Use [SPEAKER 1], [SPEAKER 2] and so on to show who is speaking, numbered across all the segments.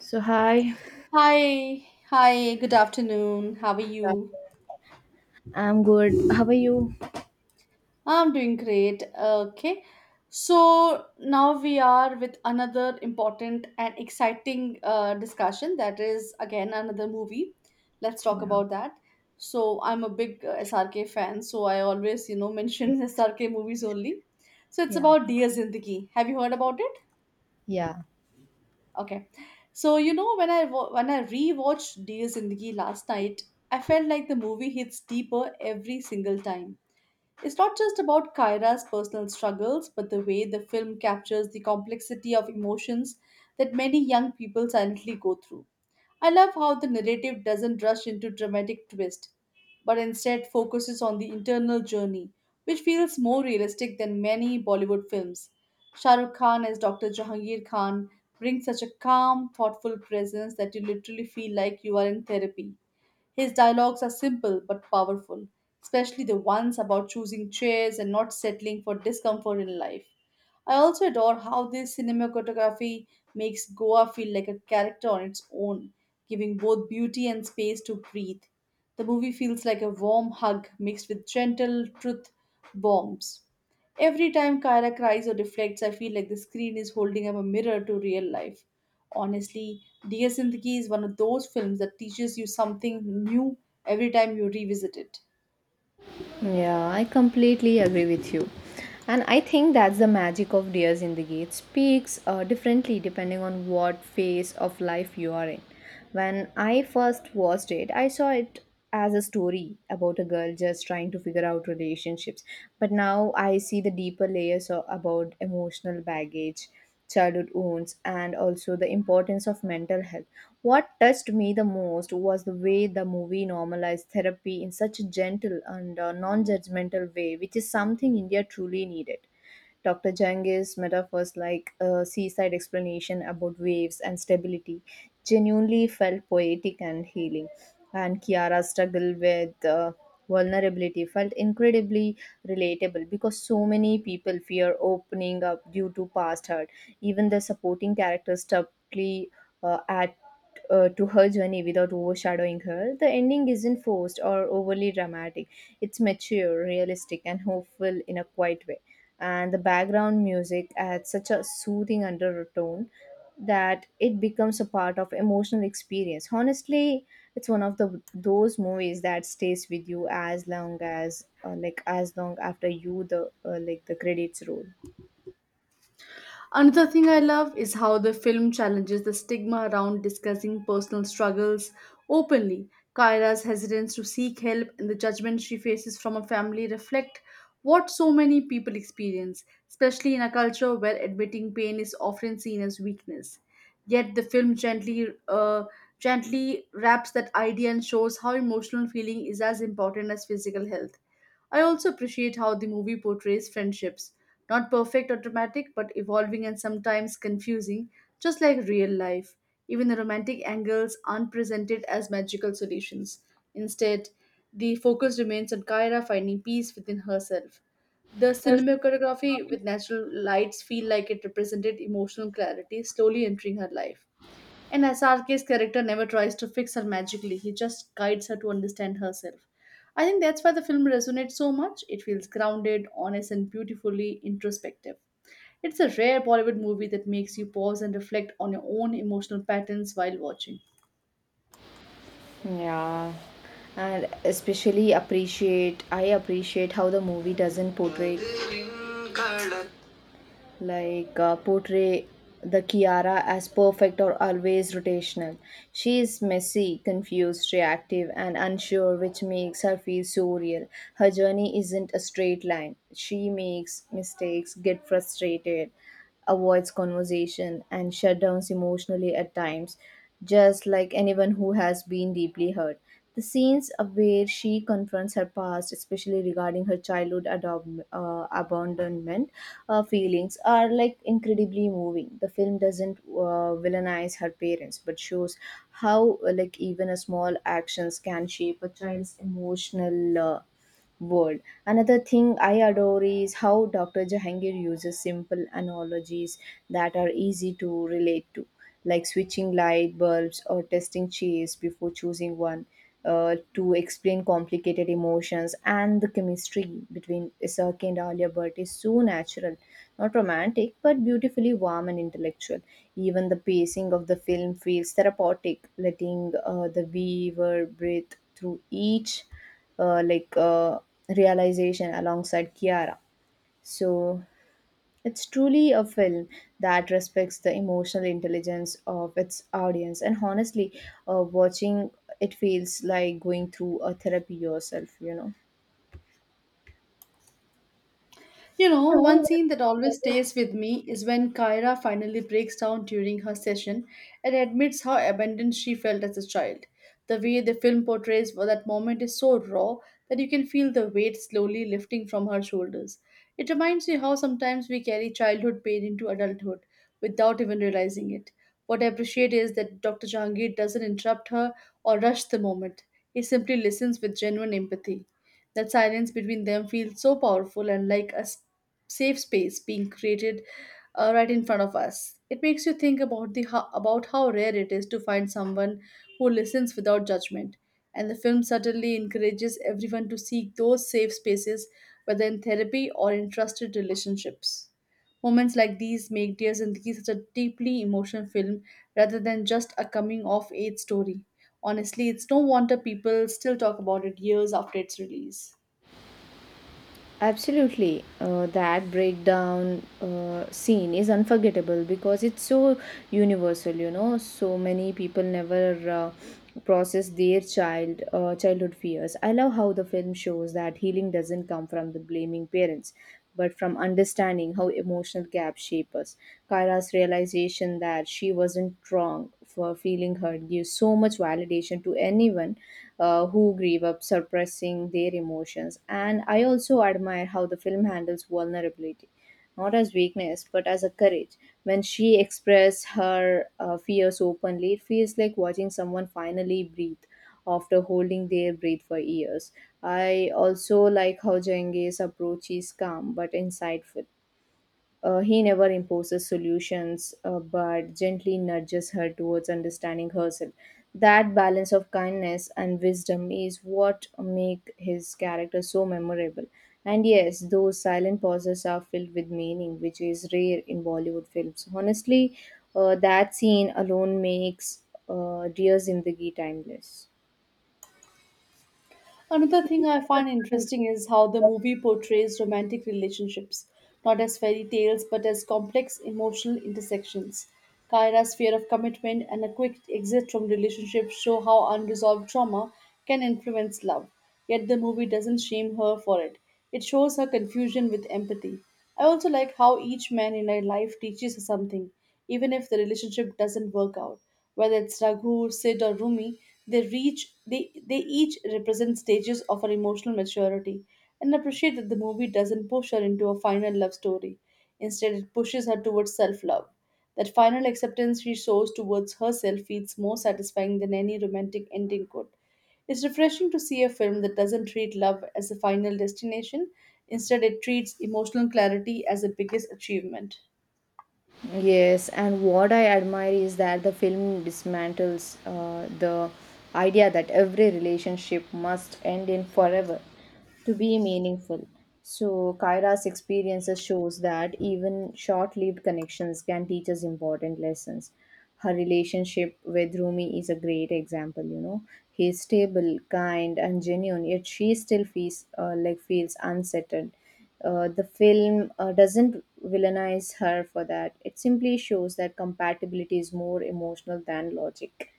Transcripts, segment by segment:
[SPEAKER 1] So hi.
[SPEAKER 2] Hi, hi, good afternoon. How are
[SPEAKER 1] Yeah.
[SPEAKER 2] you?
[SPEAKER 1] I'm good. How are you?
[SPEAKER 2] I'm doing great. Okay. So now we are with another important and exciting discussion that is again another movie. Let's talk
[SPEAKER 1] Yeah.
[SPEAKER 2] about that. So I'm a big SRK fan, so I always, you know,
[SPEAKER 1] Okay.
[SPEAKER 2] mention SRK movies only. So it's
[SPEAKER 1] Yeah.
[SPEAKER 2] about Dear Zindagi. Have you heard about it?
[SPEAKER 1] Yeah.
[SPEAKER 2] Okay. So you know when I rewatched Dear Zindagi last night, I felt like the movie hits deeper every single time. It's not just about Kyra's personal struggles, but the way the film captures the complexity of emotions that many young people silently go through. I love how the narrative doesn't rush into dramatic twist, but instead focuses on the internal journey, which feels more realistic than many Bollywood films. Shah Rukh Khan as Dr. Jahangir Khan brings such a calm, thoughtful presence that you literally feel like you are in therapy. His dialogues are simple but powerful, especially the ones about choosing chairs and not settling for discomfort in life. I also adore how this cinematography makes Goa feel like a character on its own, giving both beauty and space to breathe. The movie feels like a warm hug mixed with gentle truth bombs. Every time Kyra cries or reflects, I feel like the screen is holding up a mirror to real life. Honestly, Dear Zindagi is one of those films that teaches you something new every time you revisit it.
[SPEAKER 1] Yeah, I completely agree with you. And I think that's the magic of Deers in the Gate. Speaks differently depending on what phase of life you are in. When I first watched it, I saw it as a story about a girl just trying to figure out relationships. But now I see the deeper layers about emotional baggage, childhood wounds, and also the importance of mental health. What touched me the most was the way the movie normalized therapy in such a gentle and non judgmental way, which is something India truly needed. Dr. Jang's metaphors like a seaside explanation about waves and stability genuinely felt poetic and healing. And Kiara's struggle with vulnerability felt incredibly relatable because so many people fear opening up due to past hurt. Even the supporting characters stubbornly admit to her journey without overshadowing her. The ending isn't forced or overly dramatic. It's mature, realistic, and hopeful in a quiet way. And the background music adds such a soothing undertone that it becomes a part of emotional experience. Honestly, it's one of the those movies that stays with you as long as like as long after you the like the credits roll.
[SPEAKER 2] Another thing I love is how the film challenges the stigma around discussing personal struggles openly. Kyra's hesitance to seek help and the judgment she faces from her family reflect what so many people experience, especially in a culture where admitting pain is often seen as weakness. Yet the film gently wraps that idea and shows how emotional feeling is as important as physical health. I also appreciate how the movie portrays friendships not perfect or dramatic, but evolving and sometimes confusing, just like real life. Even the romantic angles aren't presented as magical solutions. Instead, the focus remains on Kyra finding peace within herself. The cinematography with natural lights feel like it represented emotional clarity slowly entering her life. And Asarke's character never tries to fix her magically, he just guides her to understand herself. I think that's why the film resonates so much. It feels grounded, honest, and beautifully introspective. It's a rare Bollywood movie that makes you pause and reflect on your own emotional patterns while watching.
[SPEAKER 1] Yeah, and especially appreciate I appreciate how the movie doesn't portray like uh, portray the Kiara as perfect or always rotational. She is messy, confused, reactive, and unsure, which makes her feel so real. Her journey isn't a straight line. She makes mistakes, get frustrated, avoids conversation, and shut downs emotionally at times, just like anyone who has been deeply hurt the scenes of where she confronts her past, especially regarding her childhood abandonment feelings, are like incredibly moving. The film doesn't villainize her parents, but shows how like even a small actions can shape a child's emotional world. Another thing I adore is how Dr. Jahangir uses simple analogies that are easy to relate to, like switching light bulbs or testing cheese before choosing one. To explain complicated emotions and the chemistry between Isaki and Alia Bhatt is so natural, not romantic, but beautifully warm and intellectual. Even the pacing of the film feels therapeutic, letting the viewer breathe through each uh, like uh, realization alongside Kiara. So it's truly a film that respects the emotional intelligence of its audience, and honestly, watching it feels like going through a therapy yourself. You know.
[SPEAKER 2] You know, one
[SPEAKER 1] You
[SPEAKER 2] scene that always
[SPEAKER 1] know,
[SPEAKER 2] stays with me is when Kyra finally breaks down during her session and admits how abandoned she felt as a child. The way the film portrays that moment is so raw that you can feel the weight slowly lifting from her shoulders. It reminds me how sometimes we carry childhood pain into adulthood without even realizing it. What I appreciate is that Dr. Jangir doesn't interrupt her or rush the moment. He simply listens with genuine empathy. That silence between them feels so powerful and like a safe space being created right in front of us. It makes you think about how rare it is to find someone who listens without judgment. And the film certainly encourages everyone to seek those safe spaces, whether in therapy or in trusted relationships. Moments like these make Dear Zindagi such a deeply emotional film rather than just a coming of age story. Honestly, it's no wonder people still talk about it years after its release.
[SPEAKER 1] absolutely. That breakdown scene is unforgettable because it's so universal, you know. So many people never process their childhood fears. I love how the film shows that healing doesn't come from the blaming parents, but from understanding how emotional gaps shape us. Kara's realization that she wasn't wrong for feeling hurt gives so much validation to anyone who grieve up suppressing their emotions. And I also admire how the film handles vulnerability, not as weakness, but as a courage. When she expresses her fears openly, it feels like watching someone finally breathe after holding their breath for years. I also like how Jengis approach is calm but insightful. He never imposes solutions, but gently nudges her towards understanding herself. That balance of kindness and wisdom is what make his character so memorable. And yes, those silent pauses are filled with meaning, which is rare in Bollywood films. Honestly, that scene alone makes Dears in the Ghee timeless.
[SPEAKER 2] Another thing I find interesting is how the movie portrays romantic relationships, not as fairy tales but as complex emotional intersections. Kyra's fear of commitment and a quick exit from relationships show how unresolved trauma can influence love. Yet the movie doesn't shame her for it. It shows her confusion with empathy. I also like how each man in her life teaches her something, even if the relationship doesn't work out whether it's Raghu, Sid, or Rumi, they reach they each represent stages of our emotional maturity, and appreciate that the movie doesn't push her into a final love story. Instead, it pushes her towards self-love. That final acceptance she shows towards herself feels more satisfying than any romantic ending could. It's refreshing to see a film that doesn't treat love as a final destination. Instead, it treats emotional clarity as the biggest achievement.
[SPEAKER 1] Yes, and what I admire is that the film dismantles the idea that every relationship must end in forever to be meaningful. So, Kyra's experiences shows that even short-lived connections can teach us important lessons. Her relationship with Rumi is a great example, you know. He's stable, kind, and genuine, yet she still feels feels unsettled. The film doesn't villainize her for that. It simply shows that compatibility is more emotional than logic,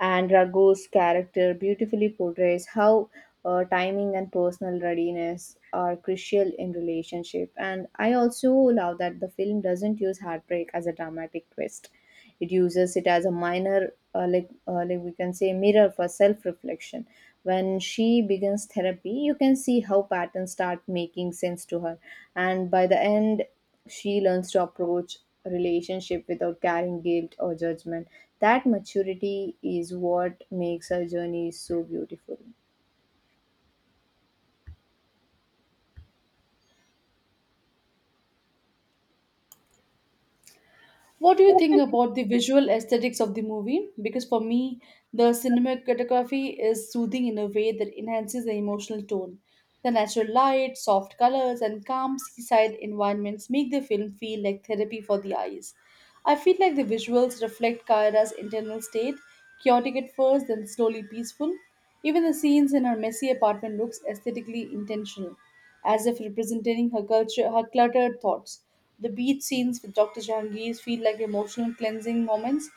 [SPEAKER 1] and Raghu's character beautifully portrays how timing and personal readiness are crucial in relationship. And I also love that the film doesn't use heartbreak as a dramatic twist; it uses it as a minor, we can say, mirror for self-reflection. When she begins therapy, you can see how patterns start making sense to her, and by the end, she learns to approach relationship without carrying guilt or judgment. That maturity is what makes her journey so beautiful.
[SPEAKER 2] What do you think about the visual aesthetics of the movie? Because for me, the cinematography is soothing in a way that enhances the emotional tone. The natural light, soft colors, and calm seaside environments make the film feel like therapy for the eyes. I feel like the visuals reflect Kyra's internal state. Chaotic at first, then slowly peaceful. Even the scenes in her messy apartment looks aesthetically intentional, as if representing her culture, her cluttered thoughts. The beach scenes with Dr. Jahangir feel like emotional cleansing moments.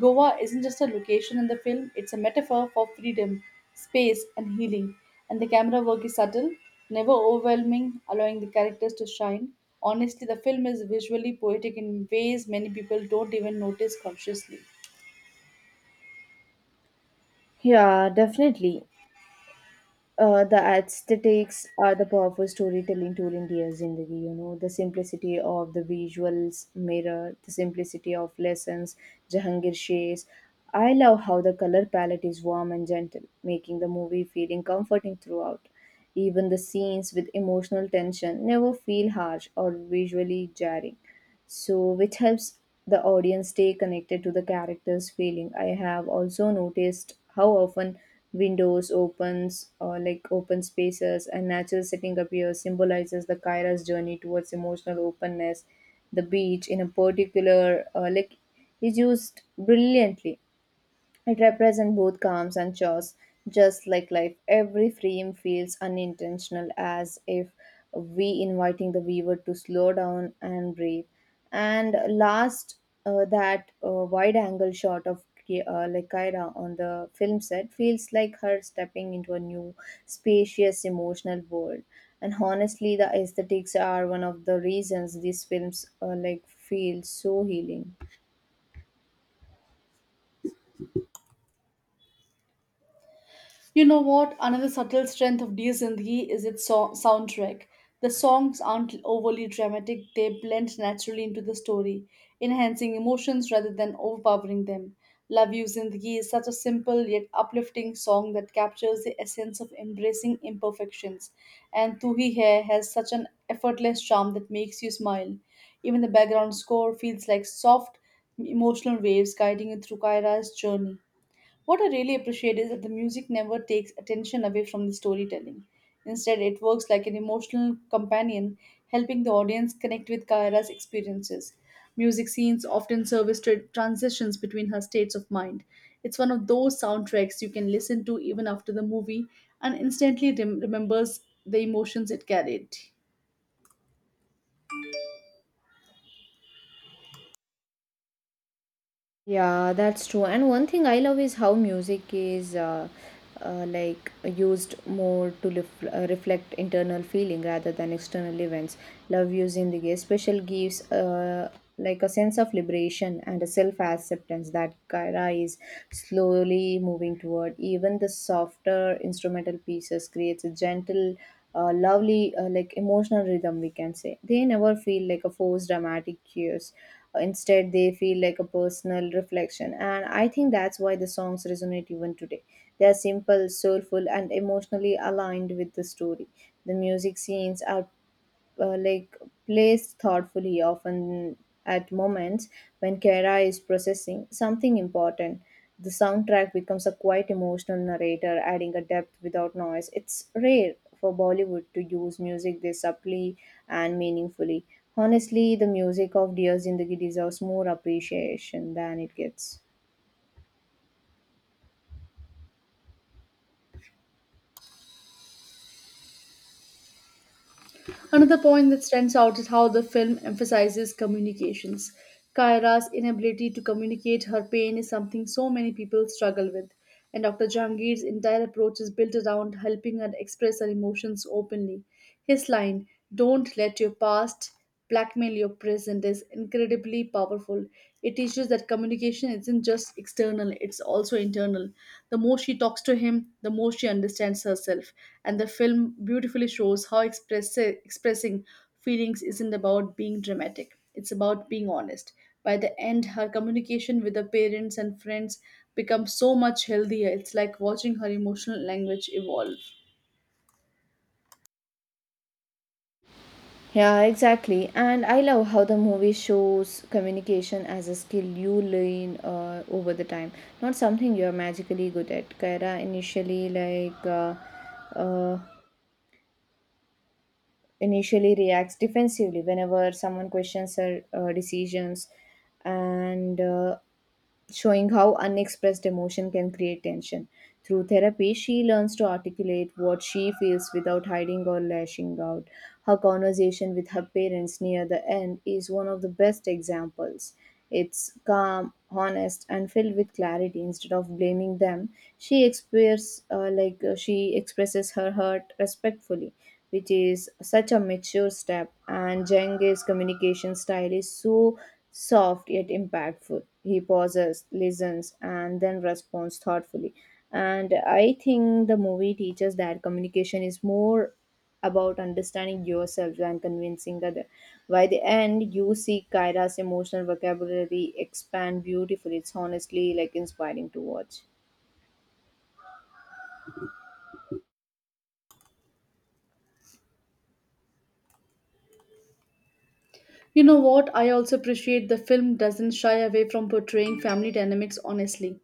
[SPEAKER 2] Goa isn't just a location in the film, it's a metaphor for freedom, space, and healing. And the camera work is subtle, never overwhelming, allowing the characters to shine. Honestly, the film is visually poetic in ways many people don't even notice consciously.
[SPEAKER 1] Yeah, definitely. The aesthetics are the powerful storytelling tool in Dear Zindagi, you know. The simplicity of the visuals mirror the simplicity of lessons Jahangir shays. I love how the color palette is warm and gentle, making the movie feeling comforting throughout. Even the scenes with emotional tension never feel harsh or visually jarring, so which helps the audience stay connected to the character's feeling. I have also noticed how often windows opens or like open spaces and natural setting appears, symbolizes the Kyra's journey towards emotional openness. The beach in a particular, is used brilliantly. It represents both calms and chores, just like life. Every frame feels unintentional, as if we inviting the viewer to slow down and breathe. And last, that wide-angle shot of Kyra on the film set feels like her stepping into a new, spacious, emotional world. And honestly, the aesthetics are one of the reasons these films feel so healing.
[SPEAKER 2] You know what? Another subtle strength of Dear Zindagi is its soundtrack. The songs aren't overly dramatic, they blend naturally into the story, enhancing emotions rather than overpowering them. Love You Zindagi is such a simple yet uplifting song that captures the essence of embracing imperfections, and Tu Hi Hai has such an effortless charm that makes you smile. Even the background score feels like soft, emotional waves guiding you through Kaira's journey. What I really appreciate is that the music never takes attention away from the storytelling. Instead, it works like an emotional companion, helping the audience connect with Kaira's experiences. Music scenes often serve as transitions between her states of mind. It's one of those soundtracks you can listen to even after the movie and instantly remembers the emotions it carried.
[SPEAKER 1] Yeah, that's true. And one thing I love is how music is used more to reflect internal feeling rather than external events. Love using the special gives a sense of liberation and a self acceptance that Kaira is slowly moving toward. Even the softer instrumental pieces creates a gentle, lovely like emotional rhythm we can say. They never feel like a forced dramatic cues. Instead they feel like a personal reflection, and I think that's why the songs resonate even today. They are simple, soulful, and emotionally aligned with the story. The music scenes are uh, like placed thoughtfully, often at moments when Kara is processing something important. The soundtrack becomes a quite emotional narrator, adding a depth without noise. It's rare for Bollywood to use music this subtly and meaningfully. Honestly, the music of Dear Zindagi deserves more appreciation than it gets.
[SPEAKER 2] Another point that stands out is how the film emphasizes communications. Kaira's inability to communicate her pain is something so many people struggle with, and Dr. Jahangir's entire approach is built around helping her express her emotions openly. His line, "Don't let your past blackmail your present" is incredibly powerful. It teaches that communication isn't just external, it's also internal. The more she talks to him, the more she understands herself. And the film beautifully shows how expressing feelings isn't about being dramatic, it's about being honest. By the end, her communication with her parents and friends becomes so much healthier. It's like watching her emotional language evolve.
[SPEAKER 1] Yeah, exactly. And I love how the movie shows communication as a skill you learn over the time, not something you're magically good at. Kaira uh, initially reacts defensively whenever someone questions her decisions, and showing how unexpressed emotion can create tension. Through therapy, she learns to articulate what she feels without hiding or lashing out. Her conversation with her parents near the end is one of the best examples. It's calm, honest, and filled with clarity. Instead of blaming them, she expresses her hurt respectfully, which is such a mature step. And Jeng's communication style is so soft yet impactful. He pauses, listens, and then responds thoughtfully. And I think the movie teaches that communication is more about understanding yourself than convincing others. By the end, you see Kyra's emotional vocabulary expand beautifully. It's honestly like inspiring to watch.
[SPEAKER 2] You know what? I also appreciate the film doesn't shy away from portraying family dynamics honestly.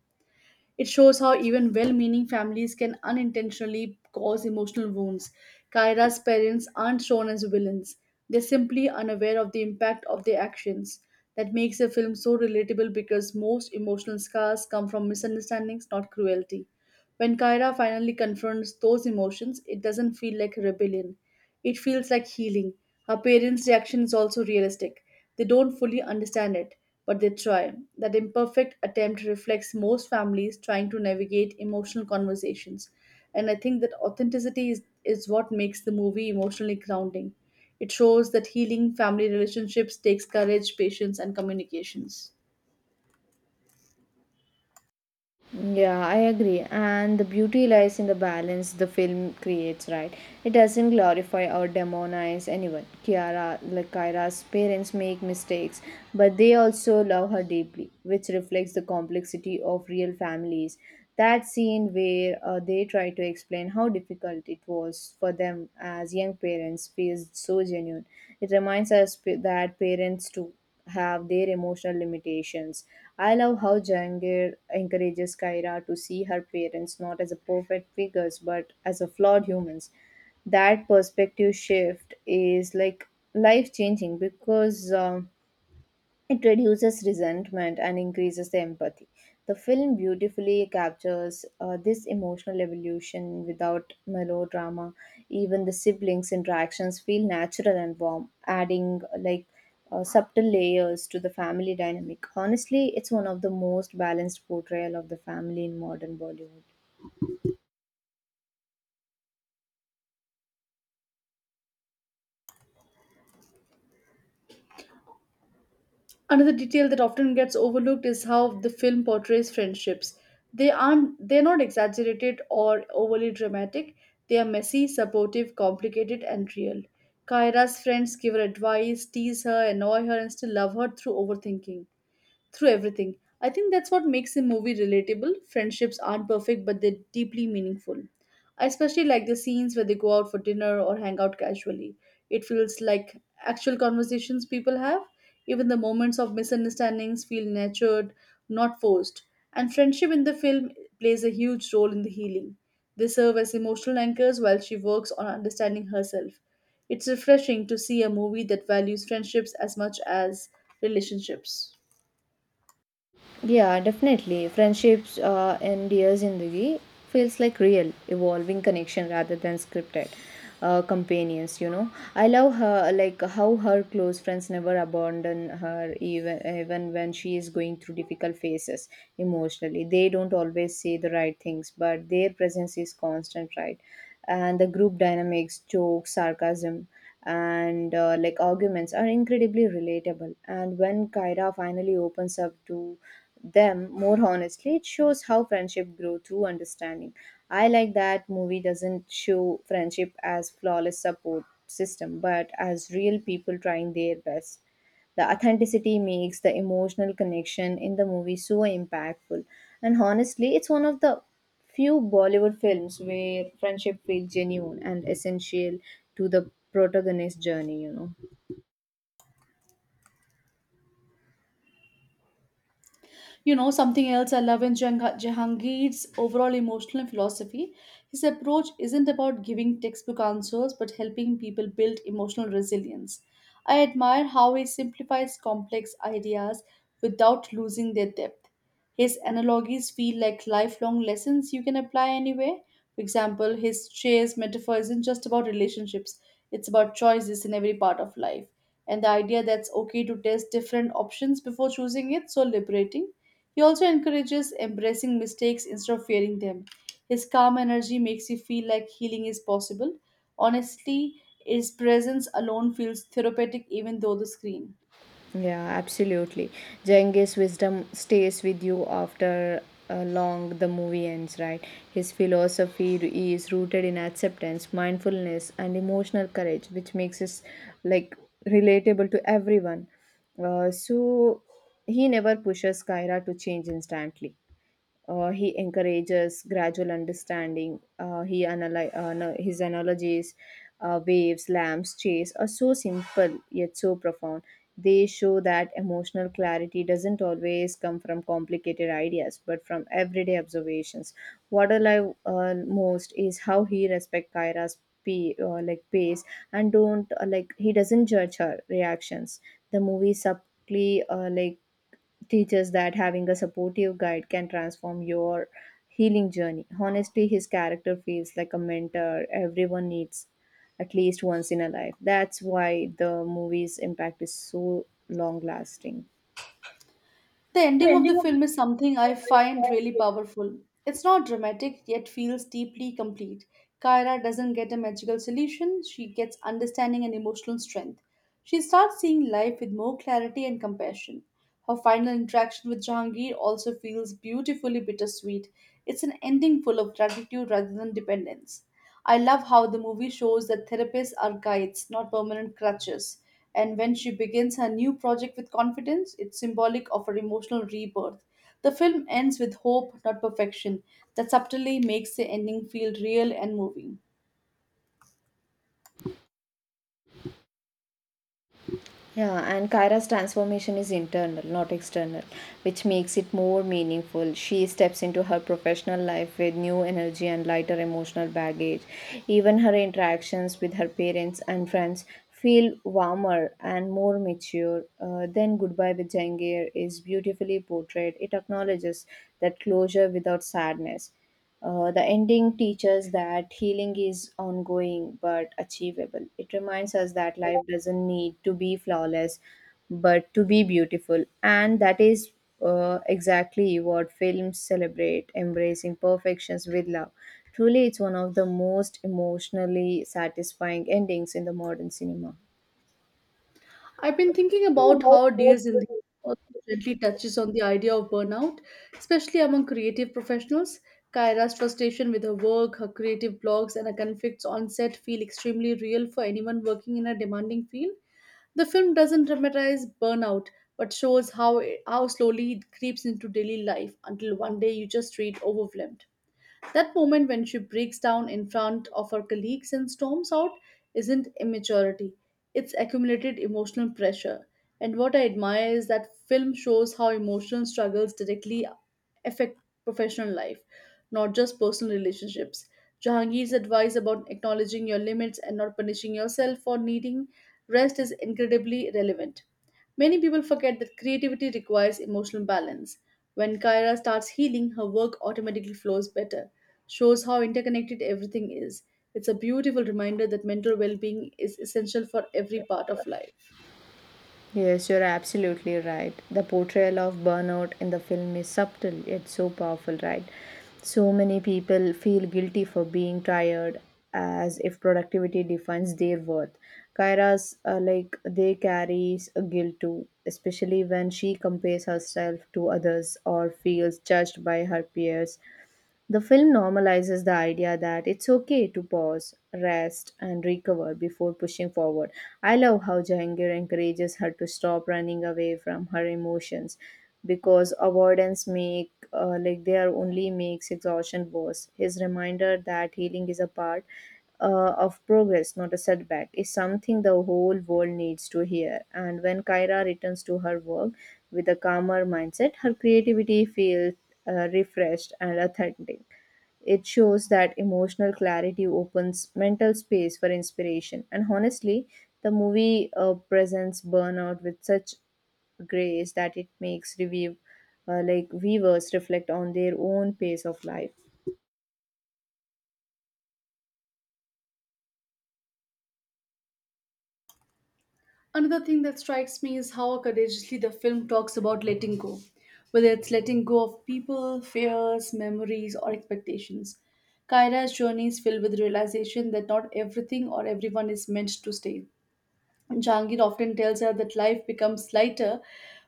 [SPEAKER 2] It shows how even well meaning families can unintentionally cause emotional wounds. Kyra's parents aren't shown as villains, they're simply unaware of the impact of their actions. That makes the film so relatable because most emotional scars come from misunderstandings, not cruelty. When Kyra finally confronts those emotions, it doesn't feel like rebellion. It feels like healing. Her parents' reaction is also realistic. They don't fully understand it, but they try. That imperfect attempt reflects most families trying to navigate emotional conversations. And I think that authenticity is what makes the movie emotionally grounding. It shows that healing family relationships takes courage, patience, and communications.
[SPEAKER 1] Yeah, I agree. And the beauty lies in the balance the film creates, right? It doesn't glorify or demonize anyone. Kiara, like Kyra's parents make mistakes, but they also love her deeply, which reflects the complexity of real families. That scene where they try to explain how difficult it was for them as young parents feels so genuine. It reminds us that parents too have their emotional limitations. I love how Jangir encourages Kaira to see her parents not as a perfect figures but as a flawed humans. That perspective shift is like life changing because it reduces resentment and increases the empathy. The film beautifully captures this emotional evolution without melodrama. Even the siblings' interactions feel natural and warm, adding subtle layers to the family dynamic. Honestly, it's one of the most balanced portrayal of the family in modern Bollywood.
[SPEAKER 2] Another detail that often gets overlooked is how the film portrays friendships. They're not exaggerated or overly dramatic. They are messy, supportive, complicated, and real. Kyra's friends give her advice, tease her, annoy her, and still love her through everything. I think that's what makes a movie relatable. Friendships aren't perfect, but they're deeply meaningful. I especially like the scenes where they go out for dinner or hang out casually. It feels like actual conversations people have. Even the moments of misunderstandings feel nurtured, not forced. And friendship in the film plays a huge role in the healing. They serve as emotional anchors while she works on understanding herself. It's refreshing to see a movie that values friendships as much as relationships.
[SPEAKER 1] Yeah, definitely. Friendships and Dear Zindagi feels like real, evolving connection rather than scripted companions, you know. I love her, like how her close friends never abandon her even when she is going through difficult phases emotionally. They don't always say the right things, but their presence is constant, right? And the group dynamics, jokes, sarcasm, and arguments are incredibly relatable. And when Kyra finally opens up to them more honestly, it shows how friendship grew through understanding. I like that movie doesn't show friendship as flawless support system, but as real people trying their best. The authenticity makes the emotional connection in the movie so impactful. And honestly, it's one of the few Bollywood films where friendship feels genuine and essential to the protagonist's journey, you know.
[SPEAKER 2] You know, something else I love in Jahangir's overall emotional philosophy, his approach isn't about giving textbook answers but helping people build emotional resilience. I admire how he simplifies complex ideas without losing their depth. His analogies feel like lifelong lessons you can apply anywhere. For example, his chairs metaphor isn't just about relationships, it's about choices in every part of life. And the idea that's okay to test different options before choosing it so liberating. He also encourages embracing mistakes instead of fearing them. His calm energy makes you feel like healing is possible. Honestly, his presence alone feels therapeutic even though the screen.
[SPEAKER 1] Yeah, absolutely. Genghis' wisdom stays with you after long the movie ends, right? His philosophy is rooted in acceptance, mindfulness, and emotional courage, which makes us like relatable to everyone. So he never pushes Kyra to change instantly. He encourages gradual understanding. He analy- no, His analogies, waves, lamps, chase are so simple yet so profound. They show that emotional clarity doesn't always come from complicated ideas, but from everyday observations. What I love most is how he respects Kyra's pace and don't he doesn't judge her reactions. The movie subtly teaches that having a supportive guide can transform your healing journey. Honestly, his character feels like a mentor everyone needs at least once in a life. That's why the movie's impact is so long lasting.
[SPEAKER 2] The
[SPEAKER 1] The
[SPEAKER 2] ending of
[SPEAKER 1] ending
[SPEAKER 2] the
[SPEAKER 1] of the
[SPEAKER 2] film is something I find really powerful. It's not dramatic yet feels deeply complete. Kyra doesn't get a magical solution, she gets understanding and emotional strength. She starts seeing life with more clarity and compassion. Her final interaction with Jahangir also feels beautifully bittersweet. It's an ending full of gratitude rather than dependence. I love how the movie shows that therapists are guides, not permanent crutches. And when she begins her new project with confidence, it's symbolic of her emotional rebirth. The film ends with hope, not perfection, that subtly makes the ending feel real and moving.
[SPEAKER 1] Yeah, and Kyra's transformation is internal, not external, which makes it more meaningful. She steps into her professional life with new energy and lighter emotional baggage. Even her interactions with her parents and friends feel warmer and more mature. Then goodbye with Jangir is beautifully portrayed. It acknowledges that closure without sadness. The ending teaches that healing is ongoing but achievable. It reminds us that life doesn't need to be flawless but to be beautiful. And that is exactly what films celebrate embracing perfections with love. Truly, it's one of the most emotionally satisfying endings in the modern cinema.
[SPEAKER 2] I've been thinking about
[SPEAKER 1] About
[SPEAKER 2] how
[SPEAKER 1] what
[SPEAKER 2] Dears in the also gently touches on the idea of burnout, especially among creative professionals. Kyra's frustration with her work, her creative blogs, and her conflicts on set feel extremely real for anyone working in a demanding field. The film doesn't dramatize burnout, but shows how slowly it creeps into daily life until one day you just read overwhelmed. That moment when she breaks down in front of her colleagues and storms out isn't immaturity, it's accumulated emotional pressure. And what I admire is that film shows how emotional struggles directly affect professional life, not just personal relationships. Jahangir's advice about acknowledging your limits and not punishing yourself for needing rest is incredibly relevant. Many people forget that creativity requires emotional balance. When Kyra starts healing, her work automatically flows better, shows how interconnected everything is. It's a beautiful reminder that mental well being is essential for every part of life.
[SPEAKER 1] Yes, you're absolutely right. The portrayal of burnout in the film is subtle yet so powerful, right? So many people feel guilty for being tired as if productivity defines their worth. Kyra's they carries a guilt too, especially when she compares herself to others or feels judged by her peers. The film normalizes the idea that it's okay to pause, rest, and recover before pushing forward. I love how Jahangir encourages her to stop running away from her emotions because avoidance make like they are only makes exhaustion worse. His reminder that healing is a part of progress, not a setback, is something the whole world needs to hear. And when Kyra returns to her work with a calmer mindset, her creativity feels refreshed, and authentic. It shows that emotional clarity opens mental space for inspiration. And honestly, the movie presents burnout with such grace that it makes review, like viewers reflect on their own pace of life.
[SPEAKER 2] Another thing that strikes me is how courageously the film talks about letting go, whether it's letting go of people, fears, memories, or expectations. Kyra's journey is filled with realization that not everything or everyone is meant to stay. Jahangir often tells her that life becomes lighter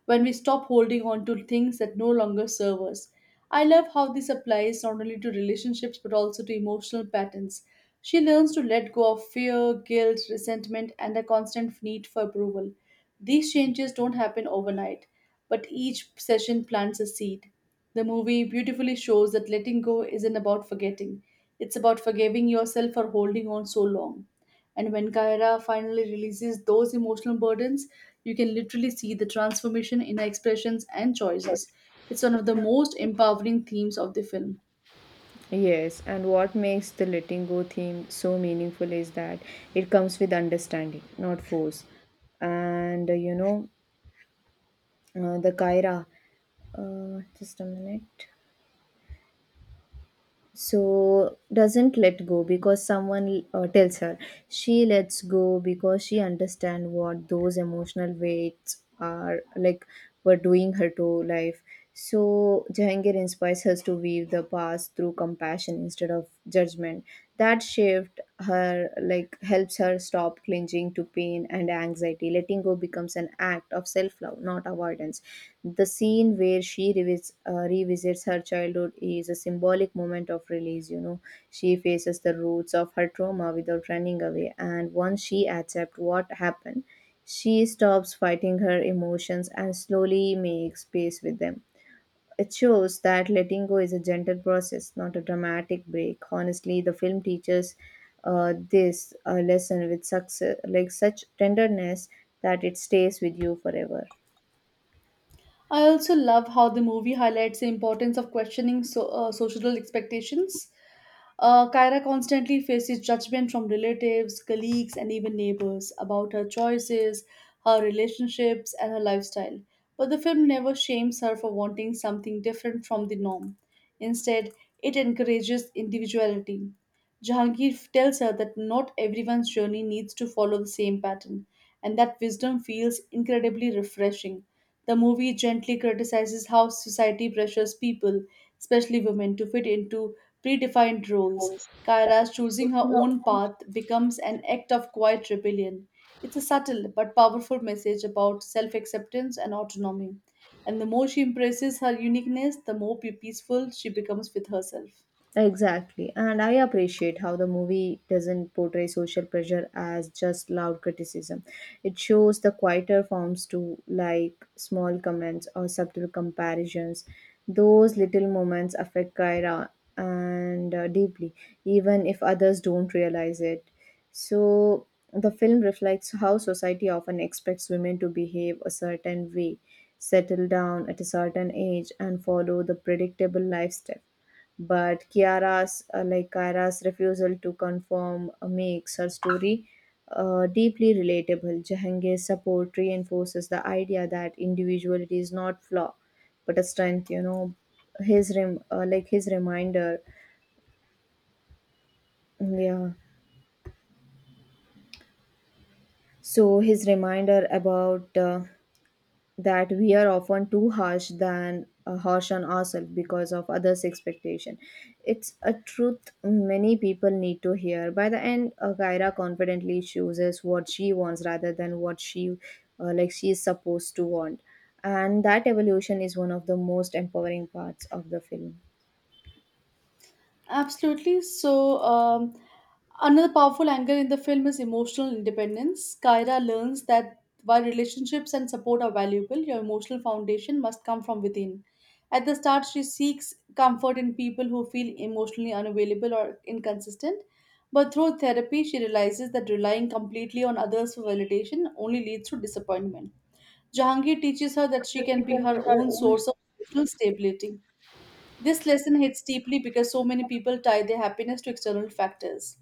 [SPEAKER 2] when we stop holding on to things that no longer serve us. I love how this applies not only to relationships but also to emotional patterns. She learns to let go of fear, guilt, resentment, and a constant need for approval. These changes don't happen overnight, but each session plants a seed. The movie beautifully shows that letting go isn't about forgetting, it's about forgiving yourself for holding on so long. And when Kaira finally releases those emotional burdens, you can literally see the transformation in her expressions and
[SPEAKER 1] Sure.
[SPEAKER 2] choices. It's one of the most empowering themes of the film.
[SPEAKER 1] Yes, and what makes the letting go theme so meaningful is that it comes with understanding, not force. And you know, the Kaira, just a minute. So doesn't let go because someone tells her. She lets go because she understand what those emotional weights are like were doing her to life. So Jahangir inspires her to weave the past through compassion instead of judgment. That shift her like helps her stop clinging to pain and anxiety. Letting go becomes an act of self-love, not avoidance. The scene where she revisits her childhood is a symbolic moment of release, you know. She faces the roots of her trauma without running away, and once she accepts what happened, she stops fighting her emotions and slowly makes peace with them. It shows that letting go is a gentle process, not a dramatic break. Honestly, the film teaches this lesson with success, like such tenderness that it stays with you forever.
[SPEAKER 2] I also love how the movie highlights the importance of questioning social expectations. Kyra constantly faces judgment from relatives, colleagues, and even neighbors about her choices, her relationships, and her lifestyle. But the film never shames her for wanting something different from the norm. Instead, it encourages individuality. Jahangir tells her that not everyone's journey needs to follow the same pattern, and that wisdom feels incredibly refreshing. The movie gently criticizes how society pressures people, especially women, to fit into predefined roles. Kyra's choosing her own path becomes an act of quiet rebellion. It's a subtle but powerful message about self acceptance and autonomy. And the more she embraces her uniqueness, the more peaceful she becomes with herself.
[SPEAKER 1] Exactly. And I appreciate how the movie doesn't portray social pressure as just loud criticism. It shows the quieter forms too, like small comments or subtle comparisons. Those little moments affect Kyra and deeply, even if others don't realize it. So the film reflects how society often expects women to behave a certain way, settle down at a certain age, and follow the predictable lifestyle, but Kiara's refusal to conform makes her story deeply relatable. Jahangir's support reinforces the idea that individuality is not flaw but a strength. You know, his reminder, yeah. So his reminder about that we are often too harsh than harsh on ourselves because of others expectation, it's a truth many people need to hear. By the end, Kyra confidently chooses what she wants rather than what she she is supposed to want, and that evolution is one of the most empowering parts of the film.
[SPEAKER 2] Absolutely. Another powerful angle in the film is emotional independence. Kyra learns that while relationships and support are valuable, your emotional foundation must come from within. At the start, she seeks comfort in people who feel emotionally unavailable or inconsistent. But through therapy, she realizes that relying completely on others for validation only leads to disappointment. Jahangir teaches her
[SPEAKER 1] So
[SPEAKER 2] that she
[SPEAKER 1] that
[SPEAKER 2] can
[SPEAKER 1] she
[SPEAKER 2] be
[SPEAKER 1] can be
[SPEAKER 2] her
[SPEAKER 1] her
[SPEAKER 2] own
[SPEAKER 1] own.
[SPEAKER 2] source of emotional stability. This lesson hits deeply because so many people tie their happiness to external factors.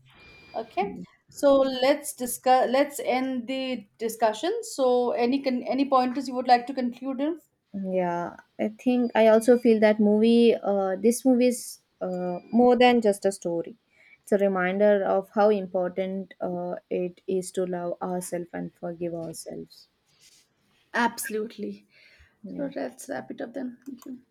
[SPEAKER 2] Okay, so let's discuss. Let's end the discussion. So, any pointers you would like to conclude with?
[SPEAKER 1] Yeah, I think I also feel that movie, this movie is more than just a story. It's a reminder of how important it is to love ourselves and forgive ourselves.
[SPEAKER 2] Absolutely.
[SPEAKER 1] Yeah.
[SPEAKER 2] So let's wrap it up then. Thank you.